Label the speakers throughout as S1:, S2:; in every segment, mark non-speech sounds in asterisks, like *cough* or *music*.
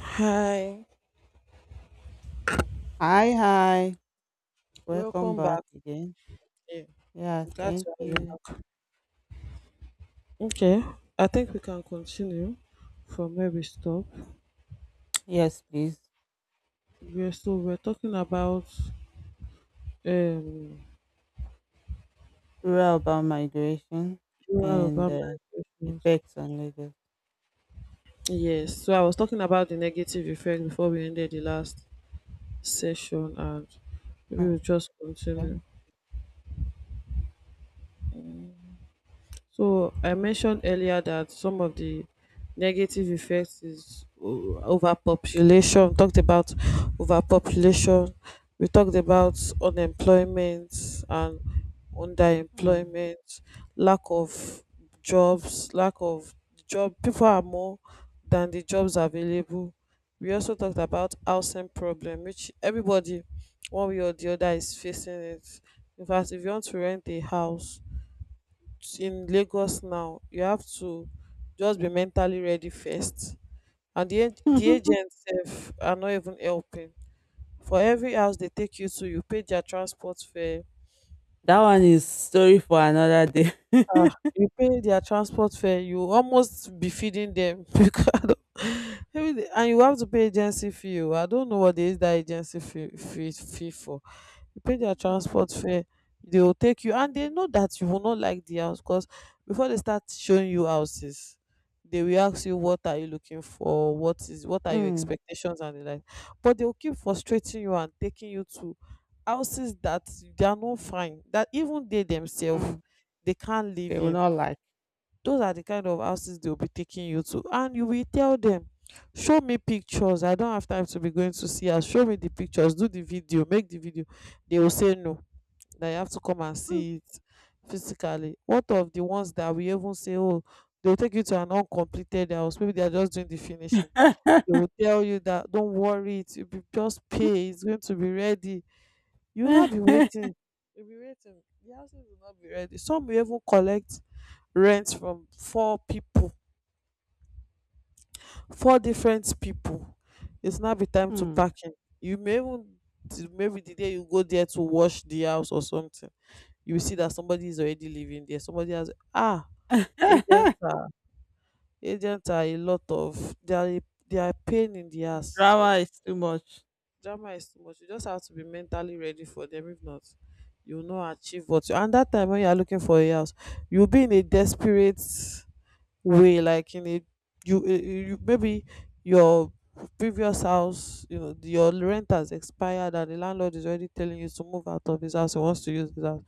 S1: Hi,
S2: Hi, hi. Welcome
S1: welcome
S2: back
S1: back.
S2: again.
S1: Yeah,
S2: Yeah,
S1: glad
S2: thank
S1: to have you
S2: you.
S1: back. Okay, I think we can continue from where we stopped.
S2: Yes, please.
S1: We're talking about um
S2: Rural about migration
S1: rural
S2: and
S1: urban migrations.
S2: effects on Lagos.
S1: Yes, so I was talking about the negative effect before we ended the last session, and maybe we'll just
S2: Okay.
S1: continue. So I mentioned earlier that some of the negative effects is overpopulation. We talked about overpopulation. We talked about unemployment and
S2: Mm.
S1: underemployment, lack of jobs, lack of job. People are more than the jobs available. We also talked about housing problem, which everybody, one way or the other, is facing it. In fact, if you want to rent a house in Lagos now, you have to just be mentally ready first. And the
S2: *laughs*
S1: agents sef are not even helping. For every house they take you to, you pay their transport fare.
S2: That one is story for another day.
S1: Ah,
S2: *laughs*
S1: you pay their transport fare, you almost be feeding them *laughs* because I don't- maybe they- and you have to pay agency fee. Oh, I don't know what is that agency fee, fee for. You pay their transport fare, they will take you, and they know that you will not like the house because before they start showing you houses, they will ask you what are you looking for, what is what
S2: Mm,
S1: are your
S2: mm,
S1: expectations and the like. But they will keep frustrating you and taking you to houses that they are not fine, that even they themselves
S2: mm.
S1: they can't
S2: They
S1: live
S2: will
S1: in.
S2: not like.
S1: Those are the kind of houses they'll be taking you to, and you will tell them, show me pictures, I don't have time to be going to see her, show me the pictures, do the video, make the video. They will say no, that you have to come and see it physically. What of the ones that we even say, oh, they'll take you to an uncompleted house, maybe they are just doing the finishing. They
S2: *laughs*
S1: will tell you that don't worry, it will be just pay, it's going to be ready. You'll not be waiting, you'll be waiting, the houses will not be ready. Some will even collect rent from four people, four different people. It's now be time to
S2: Mm.
S1: packing. You may even, maybe the day you go there to wash the house or something, you will see that somebody is already living there, somebody has. ah
S2: *laughs*
S1: agents are agents are a lot of, they are a pain in the ass, so
S2: Drama is too much.
S1: drama is too much. You just have to be mentally ready for them, if not you will not achieve what you, and that time when you are looking for a house you will be in a desperate way, like in a, you maybe your previous house, you know your rent has expired and the landlord is already telling you to move out of his house, he wants to use his house.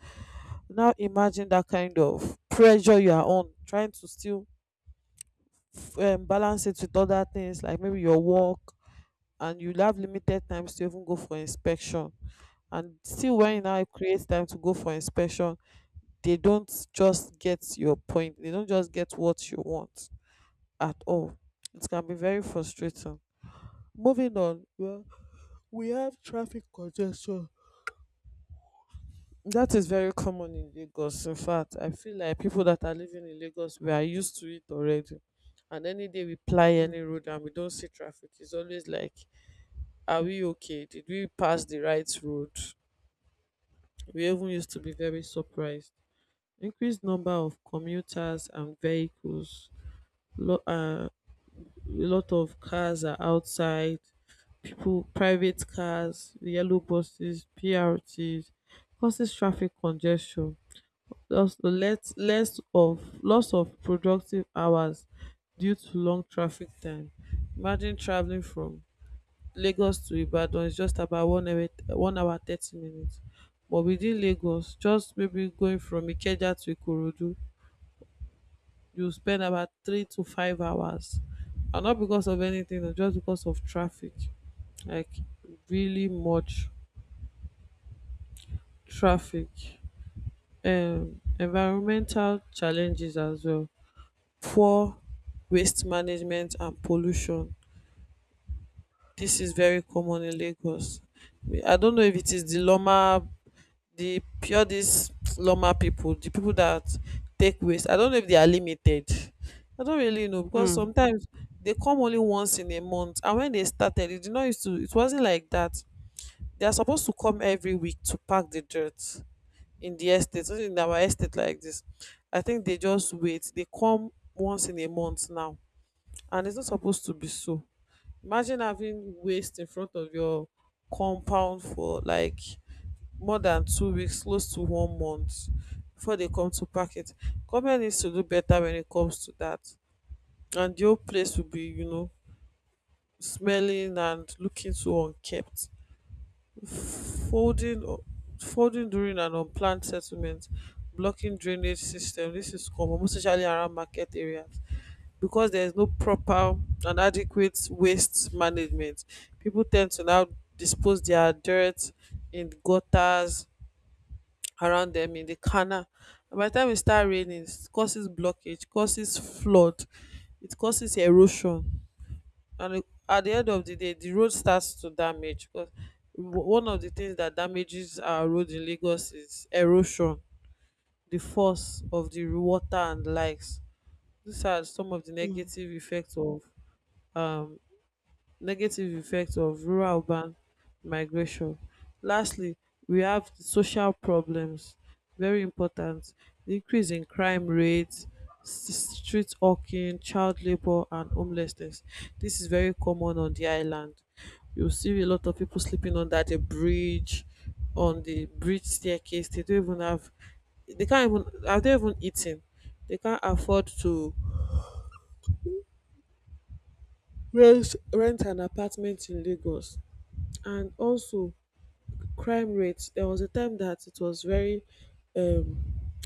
S1: Now imagine that kind of pressure you are on, trying to still balance it with other things like maybe your work, and you have limited times to even go for inspection. And still when you
S2: Mm,
S1: now create time to go for inspection, they don't just get your point, they don't just get what you want at all. It can be very frustrating. Moving on, well, we have traffic congestion. That is very common in Lagos. In fact, I feel like people that are living in Lagos, we are used to it already. And any day we ply
S2: mm,
S1: any road and we don't see traffic, it's always like, are we okay? Did we pass the right road? We even used to be very surprised. Increased number of commuters and vehicles, lo- uh, a lot of cars are outside, people private cars, yellow buses, BRTs causes traffic congestion, thus let less of loss of productive hours due to long traffic time. Imagine travelling from Lagos to Ibadan is just about 1 hour, 1 hour 30 minutes, but within Lagos, just maybe going from Ikeja to Ikorodu, you spend about 3 to 5 hours. And not because of anything o, just because of traffic, like really much traffic. Environmental challenges as well, poor waste management and pollution. This is very common in Lagos. I don't know if it is the loma, the pure, these loma people, the people that take waste, I don't know if they are limited, I don't really know because
S2: mm,
S1: sometimes they come only once in a month. And when they started it did not used to, it wasn't like that. They are supposed to come every week to pack the dirt in the estate, not in our estate like this. I think they just wait, they come once in a month now. And it's not supposed to be so. Imagine having waste in front of your compound for like more than 2 weeks, close to 1 month before they come to pack it. Government needs to do better when it comes to that. And the whole place will be, you know, smelling and looking so unkept. Folding folding during an unplanned settlement, blocking drainage system. This is common, most especially around market areas. Because there is no proper and adequate waste management. People tend to now dispose their dirt in gutters around them, in the canal. And by the time it start raining, it causes blockage, causes flood, it causes erosion. And at the end of the day, the road starts to damage because one of the things that damages our road in Lagos is erosion, the force of the water and likes. These are some of the negative effects of um rural urban migration. Lastly, we have the social problems, very important. The increase in crime rates, street hawking, child labor, and homelessness. This is very common on the island. You see a lot of people sleeping under the bridge, on the bridge staircase. They don't even have, they can't even, are they even eating? They can't afford to rent an apartment in Lagos. And also, crime rates. There was a time that it was very um,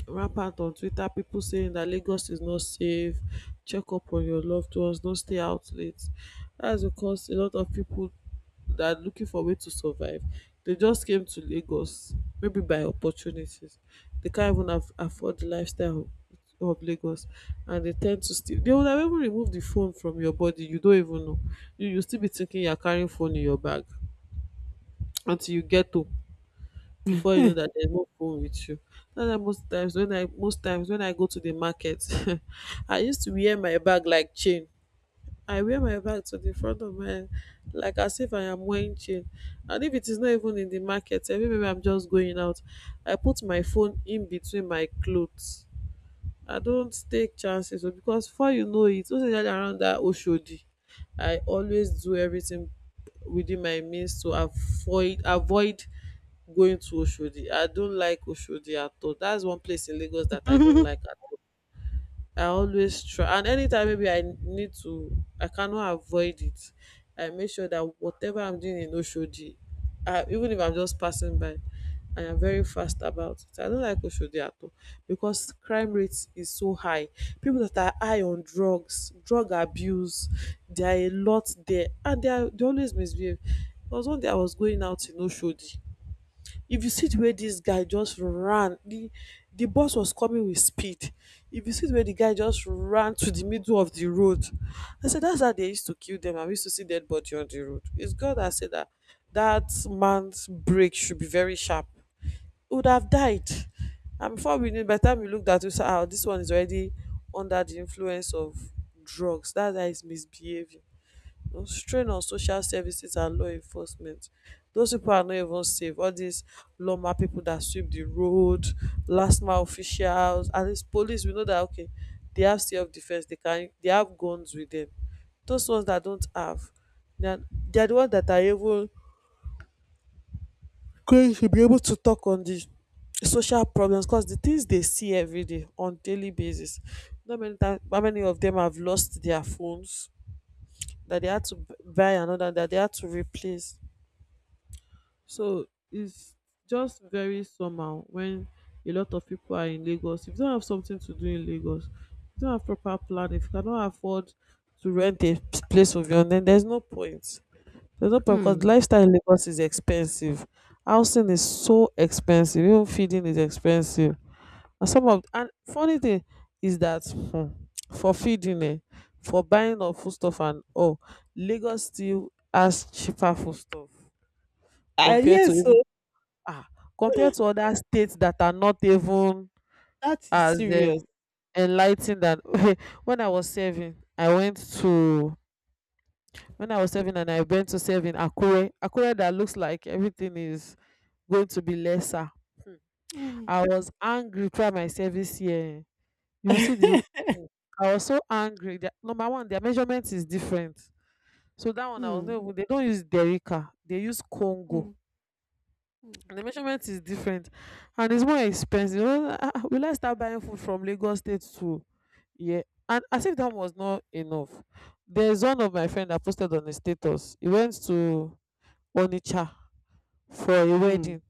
S1: rampant on Twitter, people saying that Lagos is not safe, check up on your loved ones, don't stay out late. That's because a lot of people that are looking for a way to survive, they just came to Lagos, maybe by opportunities. They can't even afford the lifestyle of Lagos, and they tend to steal. They would have even removed the phone from your body, you don't even know. You still be thinking you're carrying phone in your bag until you get home before you know
S2: mm.
S1: that there's no phone with you. That's why most times when I go to the market, *laughs* I used to wear my bag like chain. I wear my bag to the front of my head, like as if I am wearing chain. And if it is not even in the market, maybe I'm just going out. I put my phone in between my clothes. I don't take chances o because before you know it, most especially around that Oshodi. I always do everything within my means to avoid going to Oshodi. I don't like Oshodi at all. That's one place in Lagos that I don't like
S2: *laughs*
S1: at all. I always try, and anytime maybe I need to, I cannot avoid it. I make sure that whatever I'm doing in Oshodi, even if I'm just passing by, I am very fast about it. I don't like Oshodi at all because crime rate is so high. People that are high on drugs, drug abuse, there are a lot there and they always misbehave. There was one day I was going out in Oshodi. If you see the way this guy just ran, the bus was coming with speed. If you see the way the guy just ran to the middle of the road, I said that's how they used to kill them. I used to see dead body on the road. It's God that said that that man's brake should be very sharp. He would have died. And before we knew, by the time we looked at it, we said, "Ah, this one is already under the influence of drugs. That's how he's misbehaving." The strain on social services and law enforcement. Those people are not even safe. All these lawma people that sweep the road, last mile officials, and these police, we know that okay, they have self defense, they can they have guns with them. Those ones that don't have, they are, they are the ones that are able going to be able to talk on the social problems because the things they see every day on daily basis. Not many times, how many of them have lost their phones that they had to buy another that they had to replace. So it's just very somehow when a lot of people are in Lagos. If you don't have something to do in Lagos, you don't have proper planning, if you cannot afford to rent a place of your own, then there's no point. There's no point because
S2: Hmm.
S1: lifestyle in Lagos is expensive. Housing is so expensive. Even feeding is expensive. And some of and funny thing is that for feeding, for buying of foodstuff and all, Lagos still has cheaper foodstuff
S2: Ah,
S1: compared to
S2: yes.
S1: even.
S2: So.
S1: Ah, compared
S2: *laughs*
S1: to other states that are not even
S2: That is
S1: as
S2: serious.
S1: enlightened. And *laughs* when I was serving, I went to when I was serving and I went to serve in Akure. Akure that looks like everything is going to be lesser.
S2: Mm.
S1: I was angry throughout my service here. You see the
S2: *laughs*
S1: I was so angry. Their, number one, their measurement is different. So that one I was
S2: Mm,
S1: not even, they don't use Derica, they use Congo.
S2: mm, mm,
S1: The measurement is different and it's more expensive. Well, will I start buying food from Lagos state to? Yeah. And as if that was not enough, there's one of my friend that posted on the status. He went to Onitsha for a
S2: mm,
S1: wedding.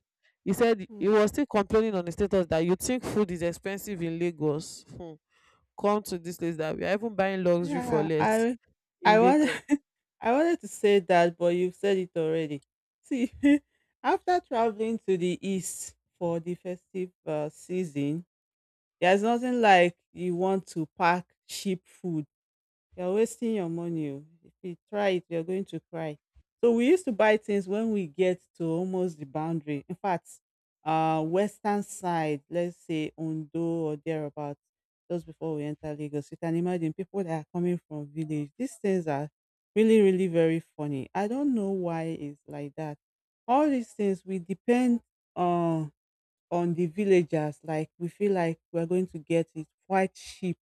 S1: He said he
S2: mm.
S1: was still complaining on the status that you think food is expensive in Lagos. Hmm. Come to this place that we are even buying
S2: *laughs*
S1: luxury for
S2: Yeah,
S1: less
S2: I
S1: in
S2: wanted
S1: Lagos.
S2: *laughs* I wanted to say that, but you've said it already. See, *laughs* after traveling to the east for the festive season, there's nothing like you want to pack cheap food. You're wasting your money oh. If you try it, you're going to cry. So we used to buy things when we get to almost the boundary. In fact, western side, let's say Ondo or thereabouts, just before we enter Lagos, you can imagine people that are coming from village. These things are really, really very funny. I don't know why it's like that. All these things we depend on the villagers. Like we feel like we're going to get it quite cheap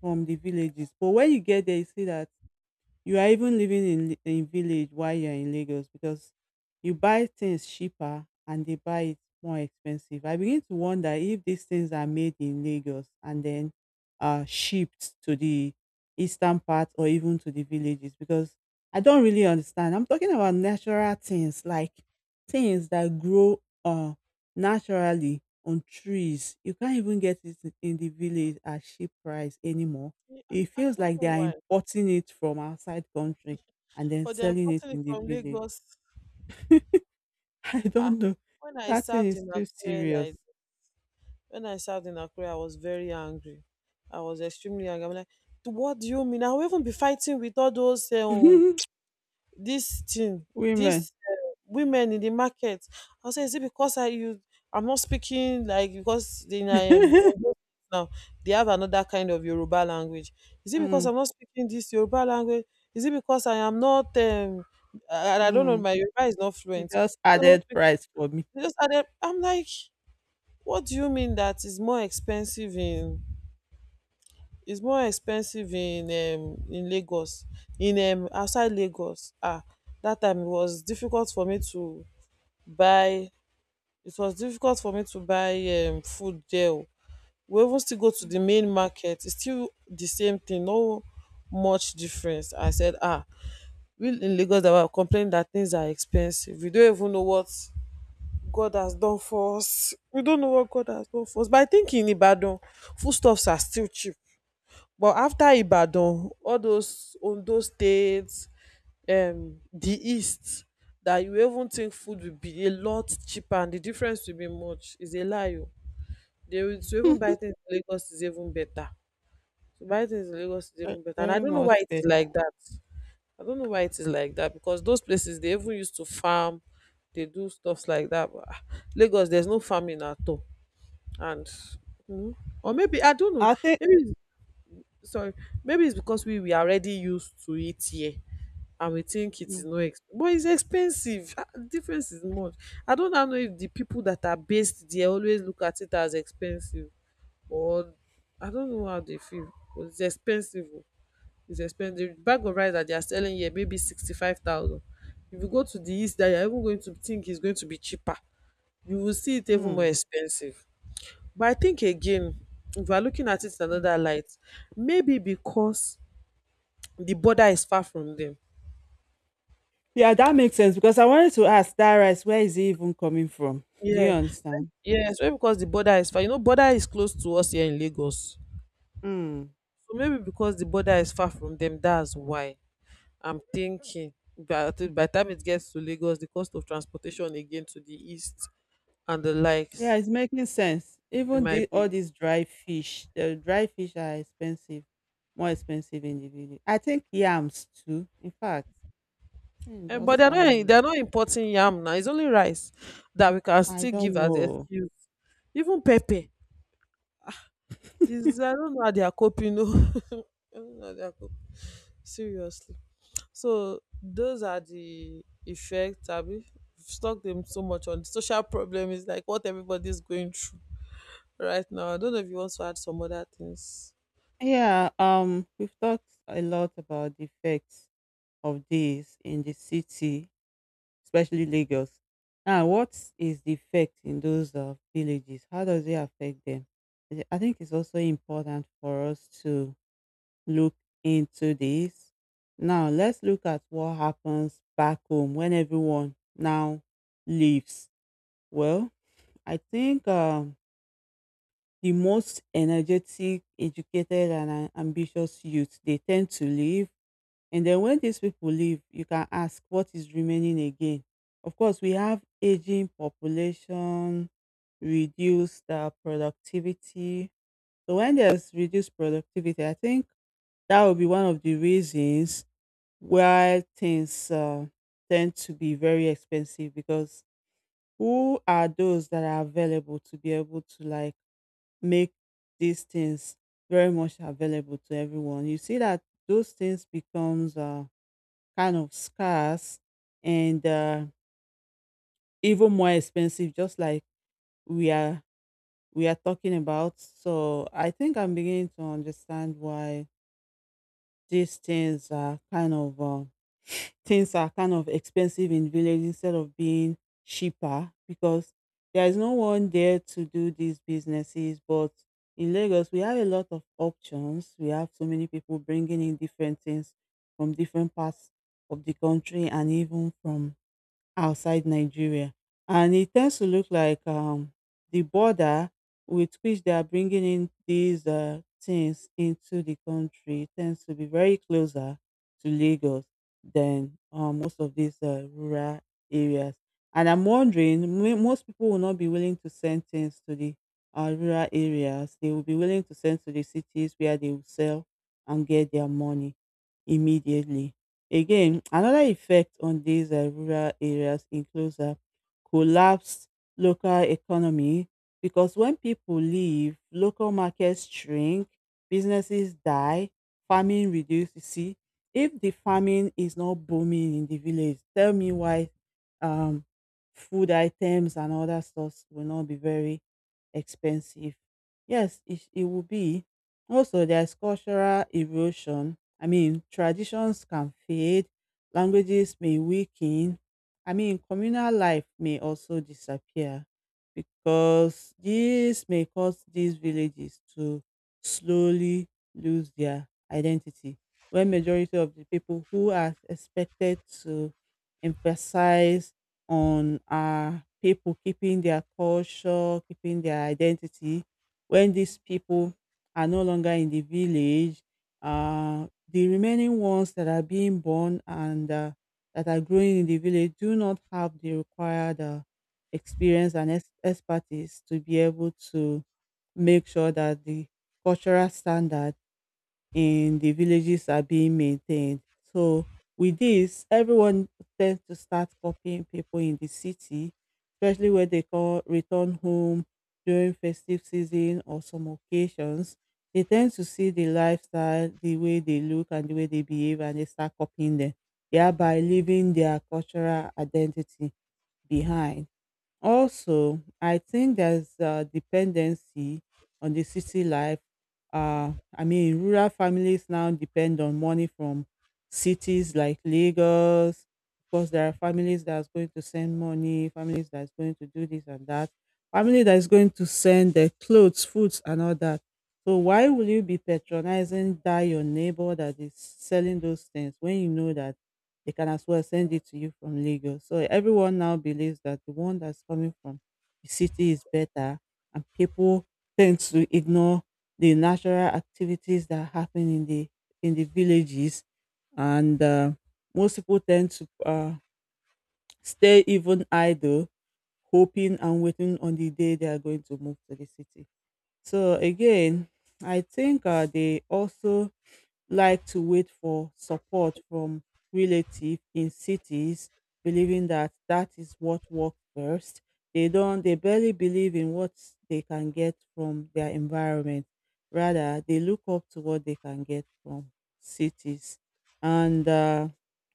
S2: from the villages. But when you get there, you see that you are even living in village while you're in Lagos because you buy things cheaper and they buy it more expensive. I begin to wonder if these things are made in Lagos and then shipped to the eastern part or even to the villages because I don't really understand. I'm talking about natural things like things that grow naturally on trees. You can't even get it in the village at cheap price anymore.
S1: Me,
S2: It
S1: i I
S2: feels like
S1: don't know
S2: they are
S1: why,
S2: importing it from outside country and then
S1: but they're
S2: selling it
S1: importing it
S2: in the
S1: from
S2: village.
S1: Lagos.
S2: *laughs* I
S1: ah
S2: don't know.
S1: when i
S2: That thing
S1: served
S2: is
S1: in
S2: too
S1: akure like
S2: serious.
S1: When I served in Akure, I was very angry. I was extremely angry. I'm like, "To what do you mean?" I will even be fighting with all those
S2: *laughs* Women.
S1: these women in the market. I say, is it because I you I'm not speaking like, because in I am
S2: *laughs*
S1: now they have another kind of Yoruba language. Is it because
S2: Mm,
S1: I'm not speaking this Yoruba language? Is it because I am not I, don't know,
S2: mm.
S1: my Yoruba is not
S2: It
S1: fluent.
S2: just added price for me.
S1: I'm like, what do you mean that is more expensive in? It's more expensive in Lagos, in outside Lagos. That time it was difficult for me to buy. It was difficult for me to buy food there oo. We even still go to the main market, it's still the same thing, no much difference. I said, ah, we in Lagos that were complaining that things are expensive, we don't even know what God has done for us. We don't know what God has done for us. But I think in Ibadan foodstuffs are still cheap, but afta Ibadan, all those Ondo state, di east, that you even think food will be a lot cheaper and the difference will be much, is a lie o. they will To
S2: *laughs*
S1: even buy
S2: Ve-
S1: things in Lagos is even better. To buy things in Lagos is even better, and I
S2: Very
S1: don't know why
S2: much
S1: it is
S2: better.
S1: like that. I don't know why it is like that, because those places they even used to farm, they do stuffs like that, but Lagos there's no farming at all. And um or maybe I don't know,
S2: I think.
S1: maybe — sorry, maybe it's because we are already used to it here, and we think it is
S2: Mm,
S1: no ex but it's expensive. Ah, the difference is much. I don't now know if the people that are based there always look at it as expensive, or I don't know how they feel, but it's expensive oh. It's expensive. The bag of rice that they are selling here maybe 65,000. If you go to the east that you're even going to think it's going to be cheaper, you will see it even more
S2: mm.
S1: expensive. But I think again, if we are looking at it in another light, maybe because the border is far from them.
S2: Yeah, that makes sense because I wanted to ask that rice, where is it even coming from? Do you
S1: Yeah,
S2: understand?
S1: yes, maybe because the border is far. You know, border is close to us here in Lagos.
S2: Mm.
S1: So maybe because the border is far from them, that's why I'm thinking. But by the time it gets to Lagos, the cost of transportation again to the east and the
S2: Yeah,
S1: likes,
S2: it's making sense.
S1: it
S2: Even
S1: might
S2: the all
S1: be.
S2: these dry fish, the dry fish are expensive, more expensive in the village. I think yams too. In fact, thing
S1: Eh, but
S2: just
S1: they're
S2: tire
S1: not
S2: me.
S1: they're not importing yam now. It's only rice that we can
S2: I
S1: still give
S2: don't
S1: as
S2: know.
S1: excuse. Even pepper is — I don't know how they are coping. No, *laughs* I don't know how they are coping. Seriously. So those are the effects. Abi we've stuck them so much on the social problem is like what everybody's going through right now. I don't know if you want to add some other things.
S2: Yeah, we've talked a lot about the effects of this in the city, especially Lagos. Now, what is the effect in those villages? How does it affect them? I think it's also important for us to look into this. Now, let's look at what happens back home when everyone now leaves. Well, I think the most energetic, educated, and ambitious youth they tend to leave. And then when these people leave, you can ask what is remaining again. Of course, we have aging population, reduced productivity. So when there's reduced productivity, I think that will be one of the reasons where things tend to be very expensive because who are those that are available to be able to like make these things very much available to everyone. You see that those things becomes kind of scarce and even more expensive just like we are we are talking about. So I think I'm beginning to understand why these things are kind of expensive in village instead of being cheaper because there is no one there to do these businesses. But in Lagos, we have a lot of options. We have so many people bringing in different things from different parts of the country and even from outside Nigeria. And it tends to look like the border with which they are bringing in these things into the country tends to be very closer to Lagos than most of these rural areas. And I'm wondering, most people will not be willing to send things to the rural areas. They will be willing to send to the cities where they will sell and get their money immediately. Again, another effect on these rural areas includes a collapsed local economy because when people leave, local markets shrink, businesses die, farming reduces. You see, if the farming is not booming in the village, tell me why um, food items and other stuff will not be very expensive. Yes, it will be. Also, there's cultural erosion. I mean, traditions can fade, languages may weaken. I mean, communal life may also disappear because this may cause these villages to slowly lose their identity. When majority of the people who are expected to emphasize on our people keeping their culture, keeping their identity, when these people are no longer in the village, the remaining ones that are being born and that are growing in the village do not have the required expertise to be able to make sure that the cultural standard in the villages are being maintained. So with this, everyone tends to start copying people in the city, especially when they call return home during festive season or some occasions. They tend to see the lifestyle, the way they look and the way they behave, and they start copying them, thereby leaving their cultural identity behind. Also, I think there's a dependency on the city life. I mean, rural families now depend on money from cities like Lagos. Of course, there are families that's going to send money, families that's going to do this and that, family that is going to send their clothes, foods, and all that. So why will you be patronizing that your neighbor that is selling those things when you know that they can as well send it to you from Lagos. So everyone now believes that the one that's coming from the city is better, and people tend to ignore the natural activities that happen in the villages, and most people tend to stay even idle, hoping and waiting on the day they are going to move to the city. So again, I think they also like to wait for support from relatives in cities believing that that is what works best. They don't they barely believe in what they can get from their environment. Rather they look up to what they can get from cities, and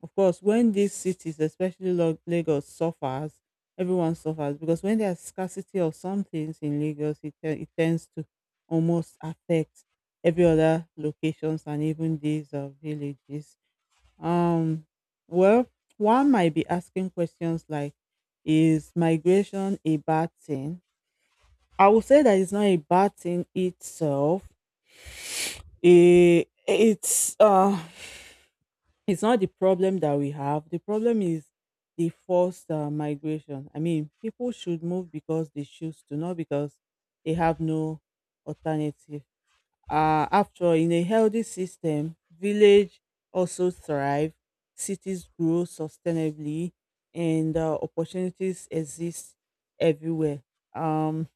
S2: of course when these cities especially Lagos suffers, everyone suffers because when there's scarcity of some things in Lagos it tends to almost affect every other locations and even these villages. Um, well, one might be asking questions like, is migration a bad thing? I would say that it's not a bad thing itself. It, it's uh, it's not the problem that we have. The problem is the forced migration. I mean, people should move because they choose to, not because they have no alternative. After all, in a healthy system, village also thrive, cities grow sustainably, and opportunities exist everywhere. Um,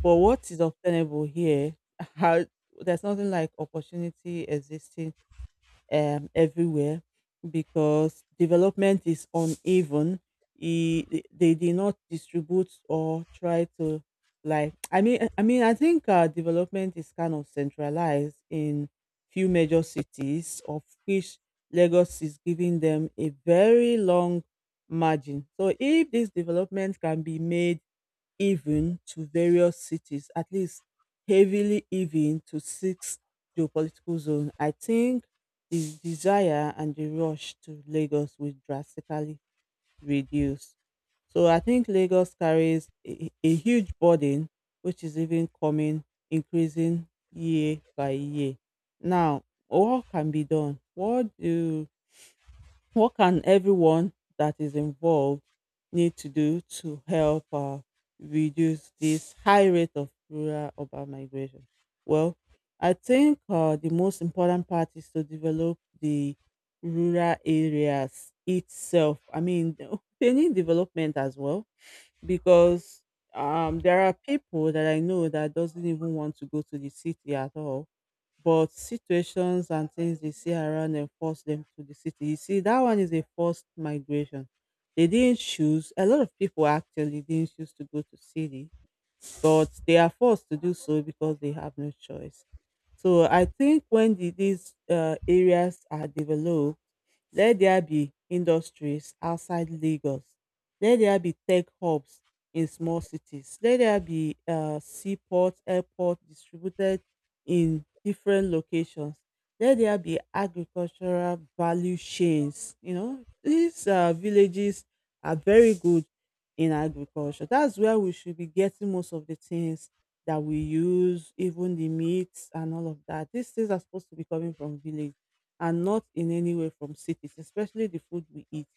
S2: but what is obtainable here? *laughs* How, there's nothing like opportunity existing everywhere because development is uneven. They did not distribute or try to like. I mean, I think development is kind of centralized in few major cities, of which Lagos is giving them a very long margin. So if this development can be made even to various cities, at least heavily even to six geopolitical zones. I think the desire and the rush to Lagos will drastically reduce. So I think Lagos carries a huge burden, which is even coming, increasing year by year. Now, what can be done? What can everyone that is involved need to do to help reduce this high rate of rural urban migration? Well, I think the most important part is to develop the rural areas itself. I mean, *laughs* they need development as well because there are people that I know that doesn't even want to go to the city at all but situations and things they see around them force them to the city. You see, that one is a forced migration. They didn't choose. A lot of people actually didn't choose to go to city, but they are forced to do so because they have no choice. So I think when these areas are developed, let there be industries outside Lagos. Let there be tech hubs in small cities. Let there be seaports, airport, distributed in different locations. Let there be agricultural value chains. You know, these villages are very good in agriculture. That's where we should be getting most of the things that we use, even the meats and all of that. These things are supposed to be coming from village and not in any way from cities, especially the food we eat.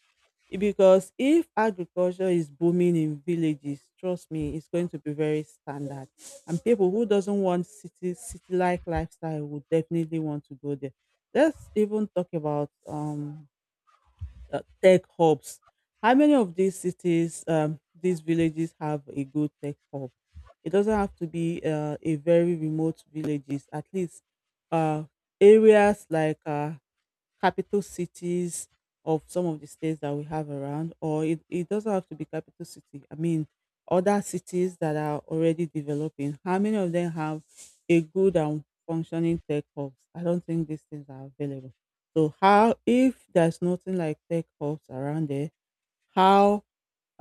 S2: Because if agriculture is booming in villages, trust me, it's going to be very standard and people who doesn't want city like lifestyle would definitely want to go there. Let's even talk about tech hubs. How many of these cities, these villages have a good tech hub? It doesn't have to be a very remote villages. At least uh, areas like capital cities of some of the states that we have around, or it doesn't have to be capital city. I mean, other cities that are already developing, how many of them have a good and functioning tech hubs? I don't think these things are available. So how if there's nothing like tech hubs around there, how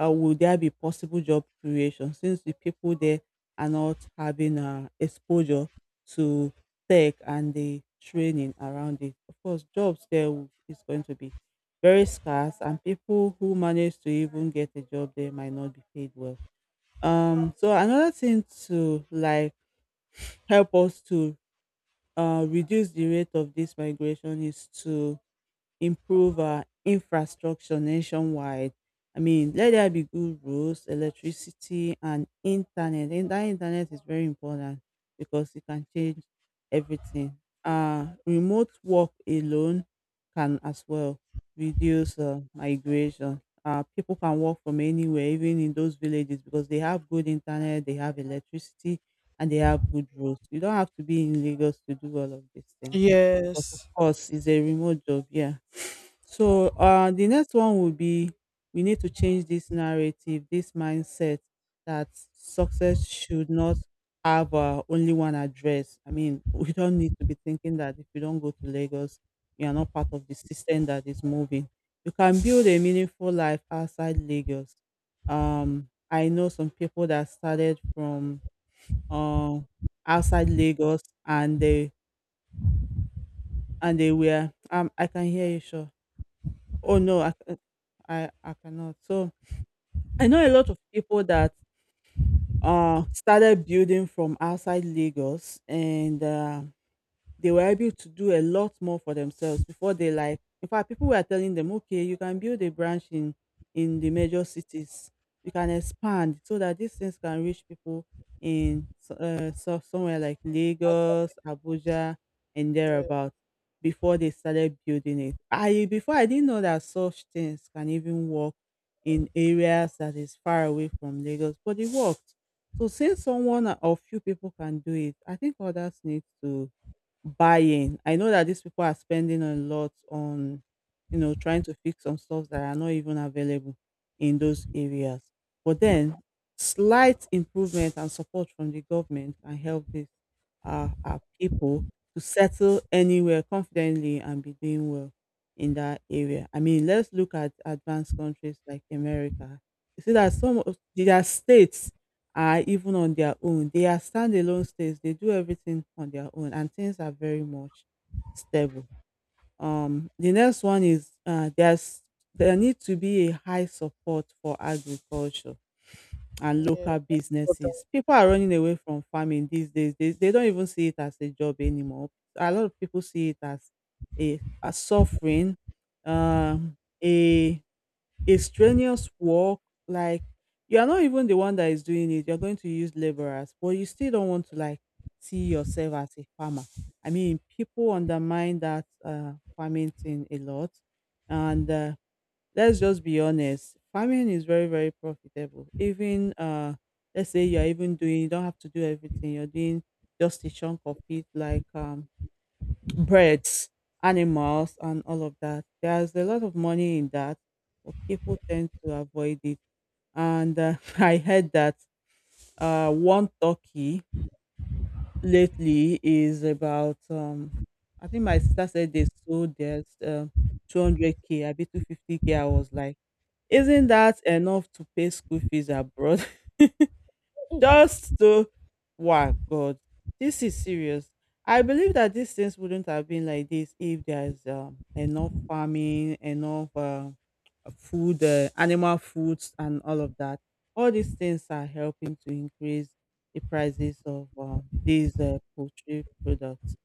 S2: uh, will there be possible job creation since the people there are not having exposure to tech and the training around it? Of course, is going to be very scarce, and people who manage to even get a job there might not be paid well. So another thing to like help us to reduce the rate of this migration is to improve our infrastructure nationwide. I mean, let there be good roads, electricity, and internet. And that internet is very important because it can change everything. Remote work alone can as well reduce migration. People can work from anywhere, even in those villages, because they have good internet, they have electricity, and they have good roads. You don't have to be in Lagos to do all of these things because, of
S1: Yes.
S2: course, it's a remote job. Yeah. So the next one would be we need to change this narrative, this mindset that success should not have only one address. I mean, *laughs* we don't need to be thinking that if you don't go to Lagos, you are not part of the system that is moving. You can build a meaningful life outside Lagos. I know some people that started from uh, outside Lagos and they were um. I can hear you, sure? Oh no, I cannot. So I know a lot of people that started building from outside Lagos, and they were able to do a lot more for themselves before they, like, in fact, people were telling them, okay, you can build a branch in the major cities, you can expand so that these things can reach people in so somewhere like
S1: Outside,
S2: Lagos, Abuja and
S1: yeah,
S2: thereabout. Before they started building it, I didn't know that such things can even work in areas that is far away from Lagos, but it worked. So since someone or few people can do it, I think others need to buying. I know that these people are spending a lot on, you know, trying to fix some stuff that are not even available in those areas. But then, slight improvement and support from the government can help these our people to settle anywhere confidently and be doing well in that area. I mean, let's look at advanced countries like America. You see that some of their states are even on their own. They are standalone states. They do everything on their own, and things are very much stable. The next one is there need to be a high support for agriculture and
S1: yeah,
S2: local
S1: but
S2: businesses. People are running away from farming these days. They don't even see it as a job anymore. A lot of people see it as a suffering, um, a a strenuous work, like you're not even the one that is doing it, you're going to use laborers, but you still don't want to, like, see yourself as a farmer. I mean, people undermine that farming thing a lot. And let's just be honest, farming is very, very profitable. Even let's say you're even doing, you don't have to do everything, you're doing just a chunk of it, like birds, animals, and all of that. There's a lot of money in that, but people tend to avoid it. And *laughs* I heard that one turkey lately is about, I think my sister said they sold theirs 200k, I bet 250k. I was like, isn't that enough to pay school fees abroad? *laughs*
S1: for
S2: Just to wow, God, this is serious. I believe that these things wouldn't have been like this if there's enough farming, enough food, animal foods, and all of that. All these things are helping to increase the prices of these poultry products.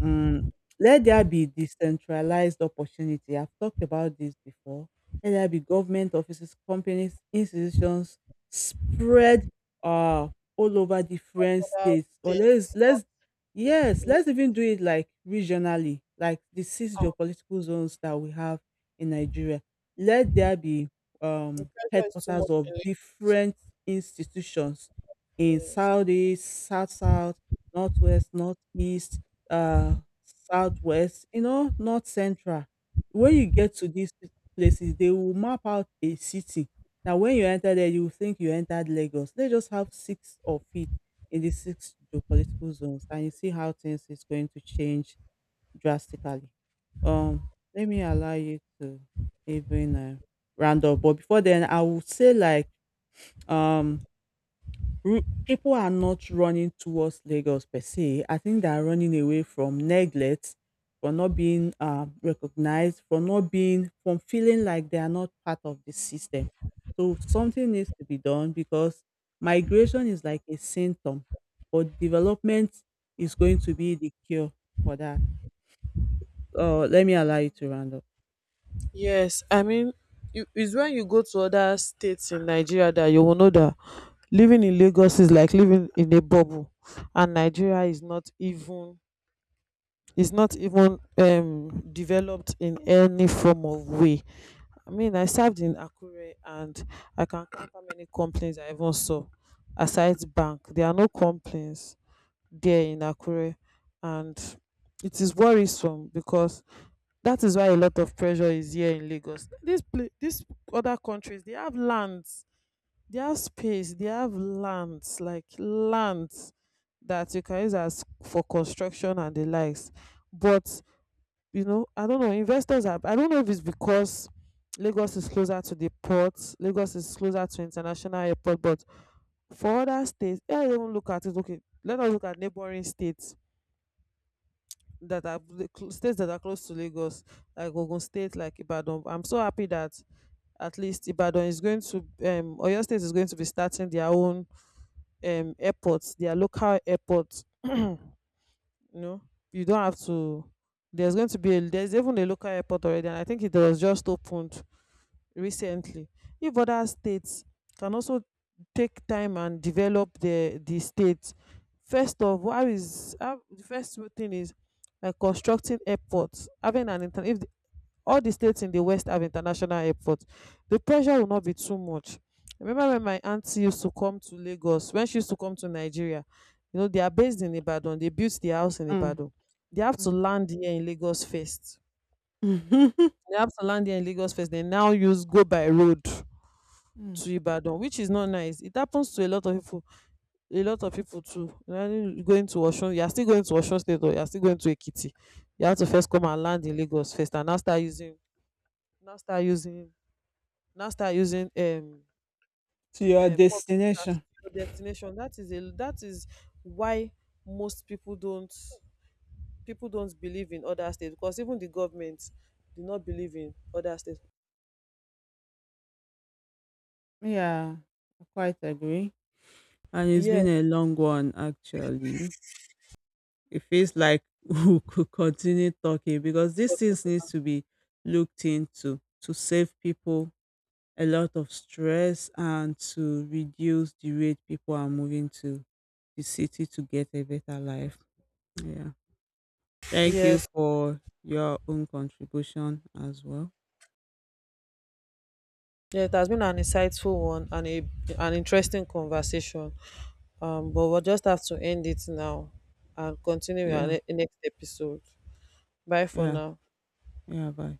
S2: Mm, let there be decentralized opportunity. I've talked about this before. Let there be government offices, companies, institutions spread uh all over different
S1: *laughs*
S2: states. Or let's
S1: things,
S2: let's yes,
S1: yeah,
S2: let's even do it like regionally, like the six
S1: ah,
S2: geopolitical zones that we have in Nigeria. Let there be
S1: the pressure is too
S2: headquarters
S1: much
S2: of
S1: in Lagos.
S2: different institutions in
S1: Yes.
S2: Southeast, South South, Northwest, Northeast, uh, southwest, you know, north central. When you get to these places, they will map out a city. Now, when you enter there, you will think you entered Lagos. They just have six of it in the six geopolitical zones, and you see how things is going to change drastically. Um, Let me allow you to even round up, but before then, I would say like um Ru people are not running towards Lagos per se. I think they are running away from neglect, from not being recognized, from not being, from feeling like they are not part of the system. So something needs to be done, because migration is like a symptom, but development is going to be the cure for that. Let me allow you to round up.
S1: Yes, I mean, it's when you go to other states in Nigeria that you will know that living in Lagos is like living in a bubble, and Nigeria is not even, is not even developed in any form of way. I mean, I served in Akure and I can count how many complaints I even saw aside bank. There are no complaints there in Akure, and it is worrisome because that is why a lot of pressure is here in Lagos. This pla this Other countries, they have lands, they have space, they have lands like lands that you can use as for construction and the likes, but you know, I don't know, investors are, I don't know if it's because Lagos is closer to the port, Lagos is closer to international airport. But for other states, yeah, even look at it, okay, let us look at neighboring states that are states that are close to Lagos, like Ogun state, like Ibadan. I'm so happy that at least Ibadan is going to Oyo state is going to be starting their own airports, their local airports. *clears throat* You know, you don't have to — there's going to be a, there's even a local airport already, and I think it was just opened recently. If other states can also take time and develop the state, first of all, how is the first thing is like constructing airports, having an if all the states in the west have international airports, the pressure will not be too much. Remember when my auntie used to come to Lagos, when she used to come to Nigeria, you know they are based in Ibadan, they built the house in
S2: Mm,
S1: Ibadan. They have to
S2: mm.
S1: land here in Lagos first.
S2: *laughs*
S1: They have to land here in Lagos first, they now use, go by road
S2: Mm,
S1: to Ibadan, which is not nice. It happens to a lot of people, a lot of people too, you know. You going to Osun, you are still going to Osun state, or you are still going to Ekiti, you have to first come and
S2: mm.
S1: land in Lagos first, and now start using, now start using now start using um,
S2: To your
S1: public
S2: destination.
S1: transport to your destination. That is a, that is why most people don't, people don't believe in other states, because even the government do not believe in other states.
S2: Yeah, I quite agree. And it's been
S1: Yes.
S2: a long one, actually. It feels like *laughs* we could continue talking because these things
S1: but-
S2: need to be looked into to save people a lot of stress and to reduce the rate people are moving to the city to get a better life. Yeah. Thank you
S1: yes.
S2: for your own contribution as well.
S1: Yeah, it has been an insightful one and a, an interesting conversation. But we'll just have to end it now, and continue in our
S2: Yeah.
S1: next episode. Bye for
S2: Yeah.
S1: now.
S2: Yeah. Bye.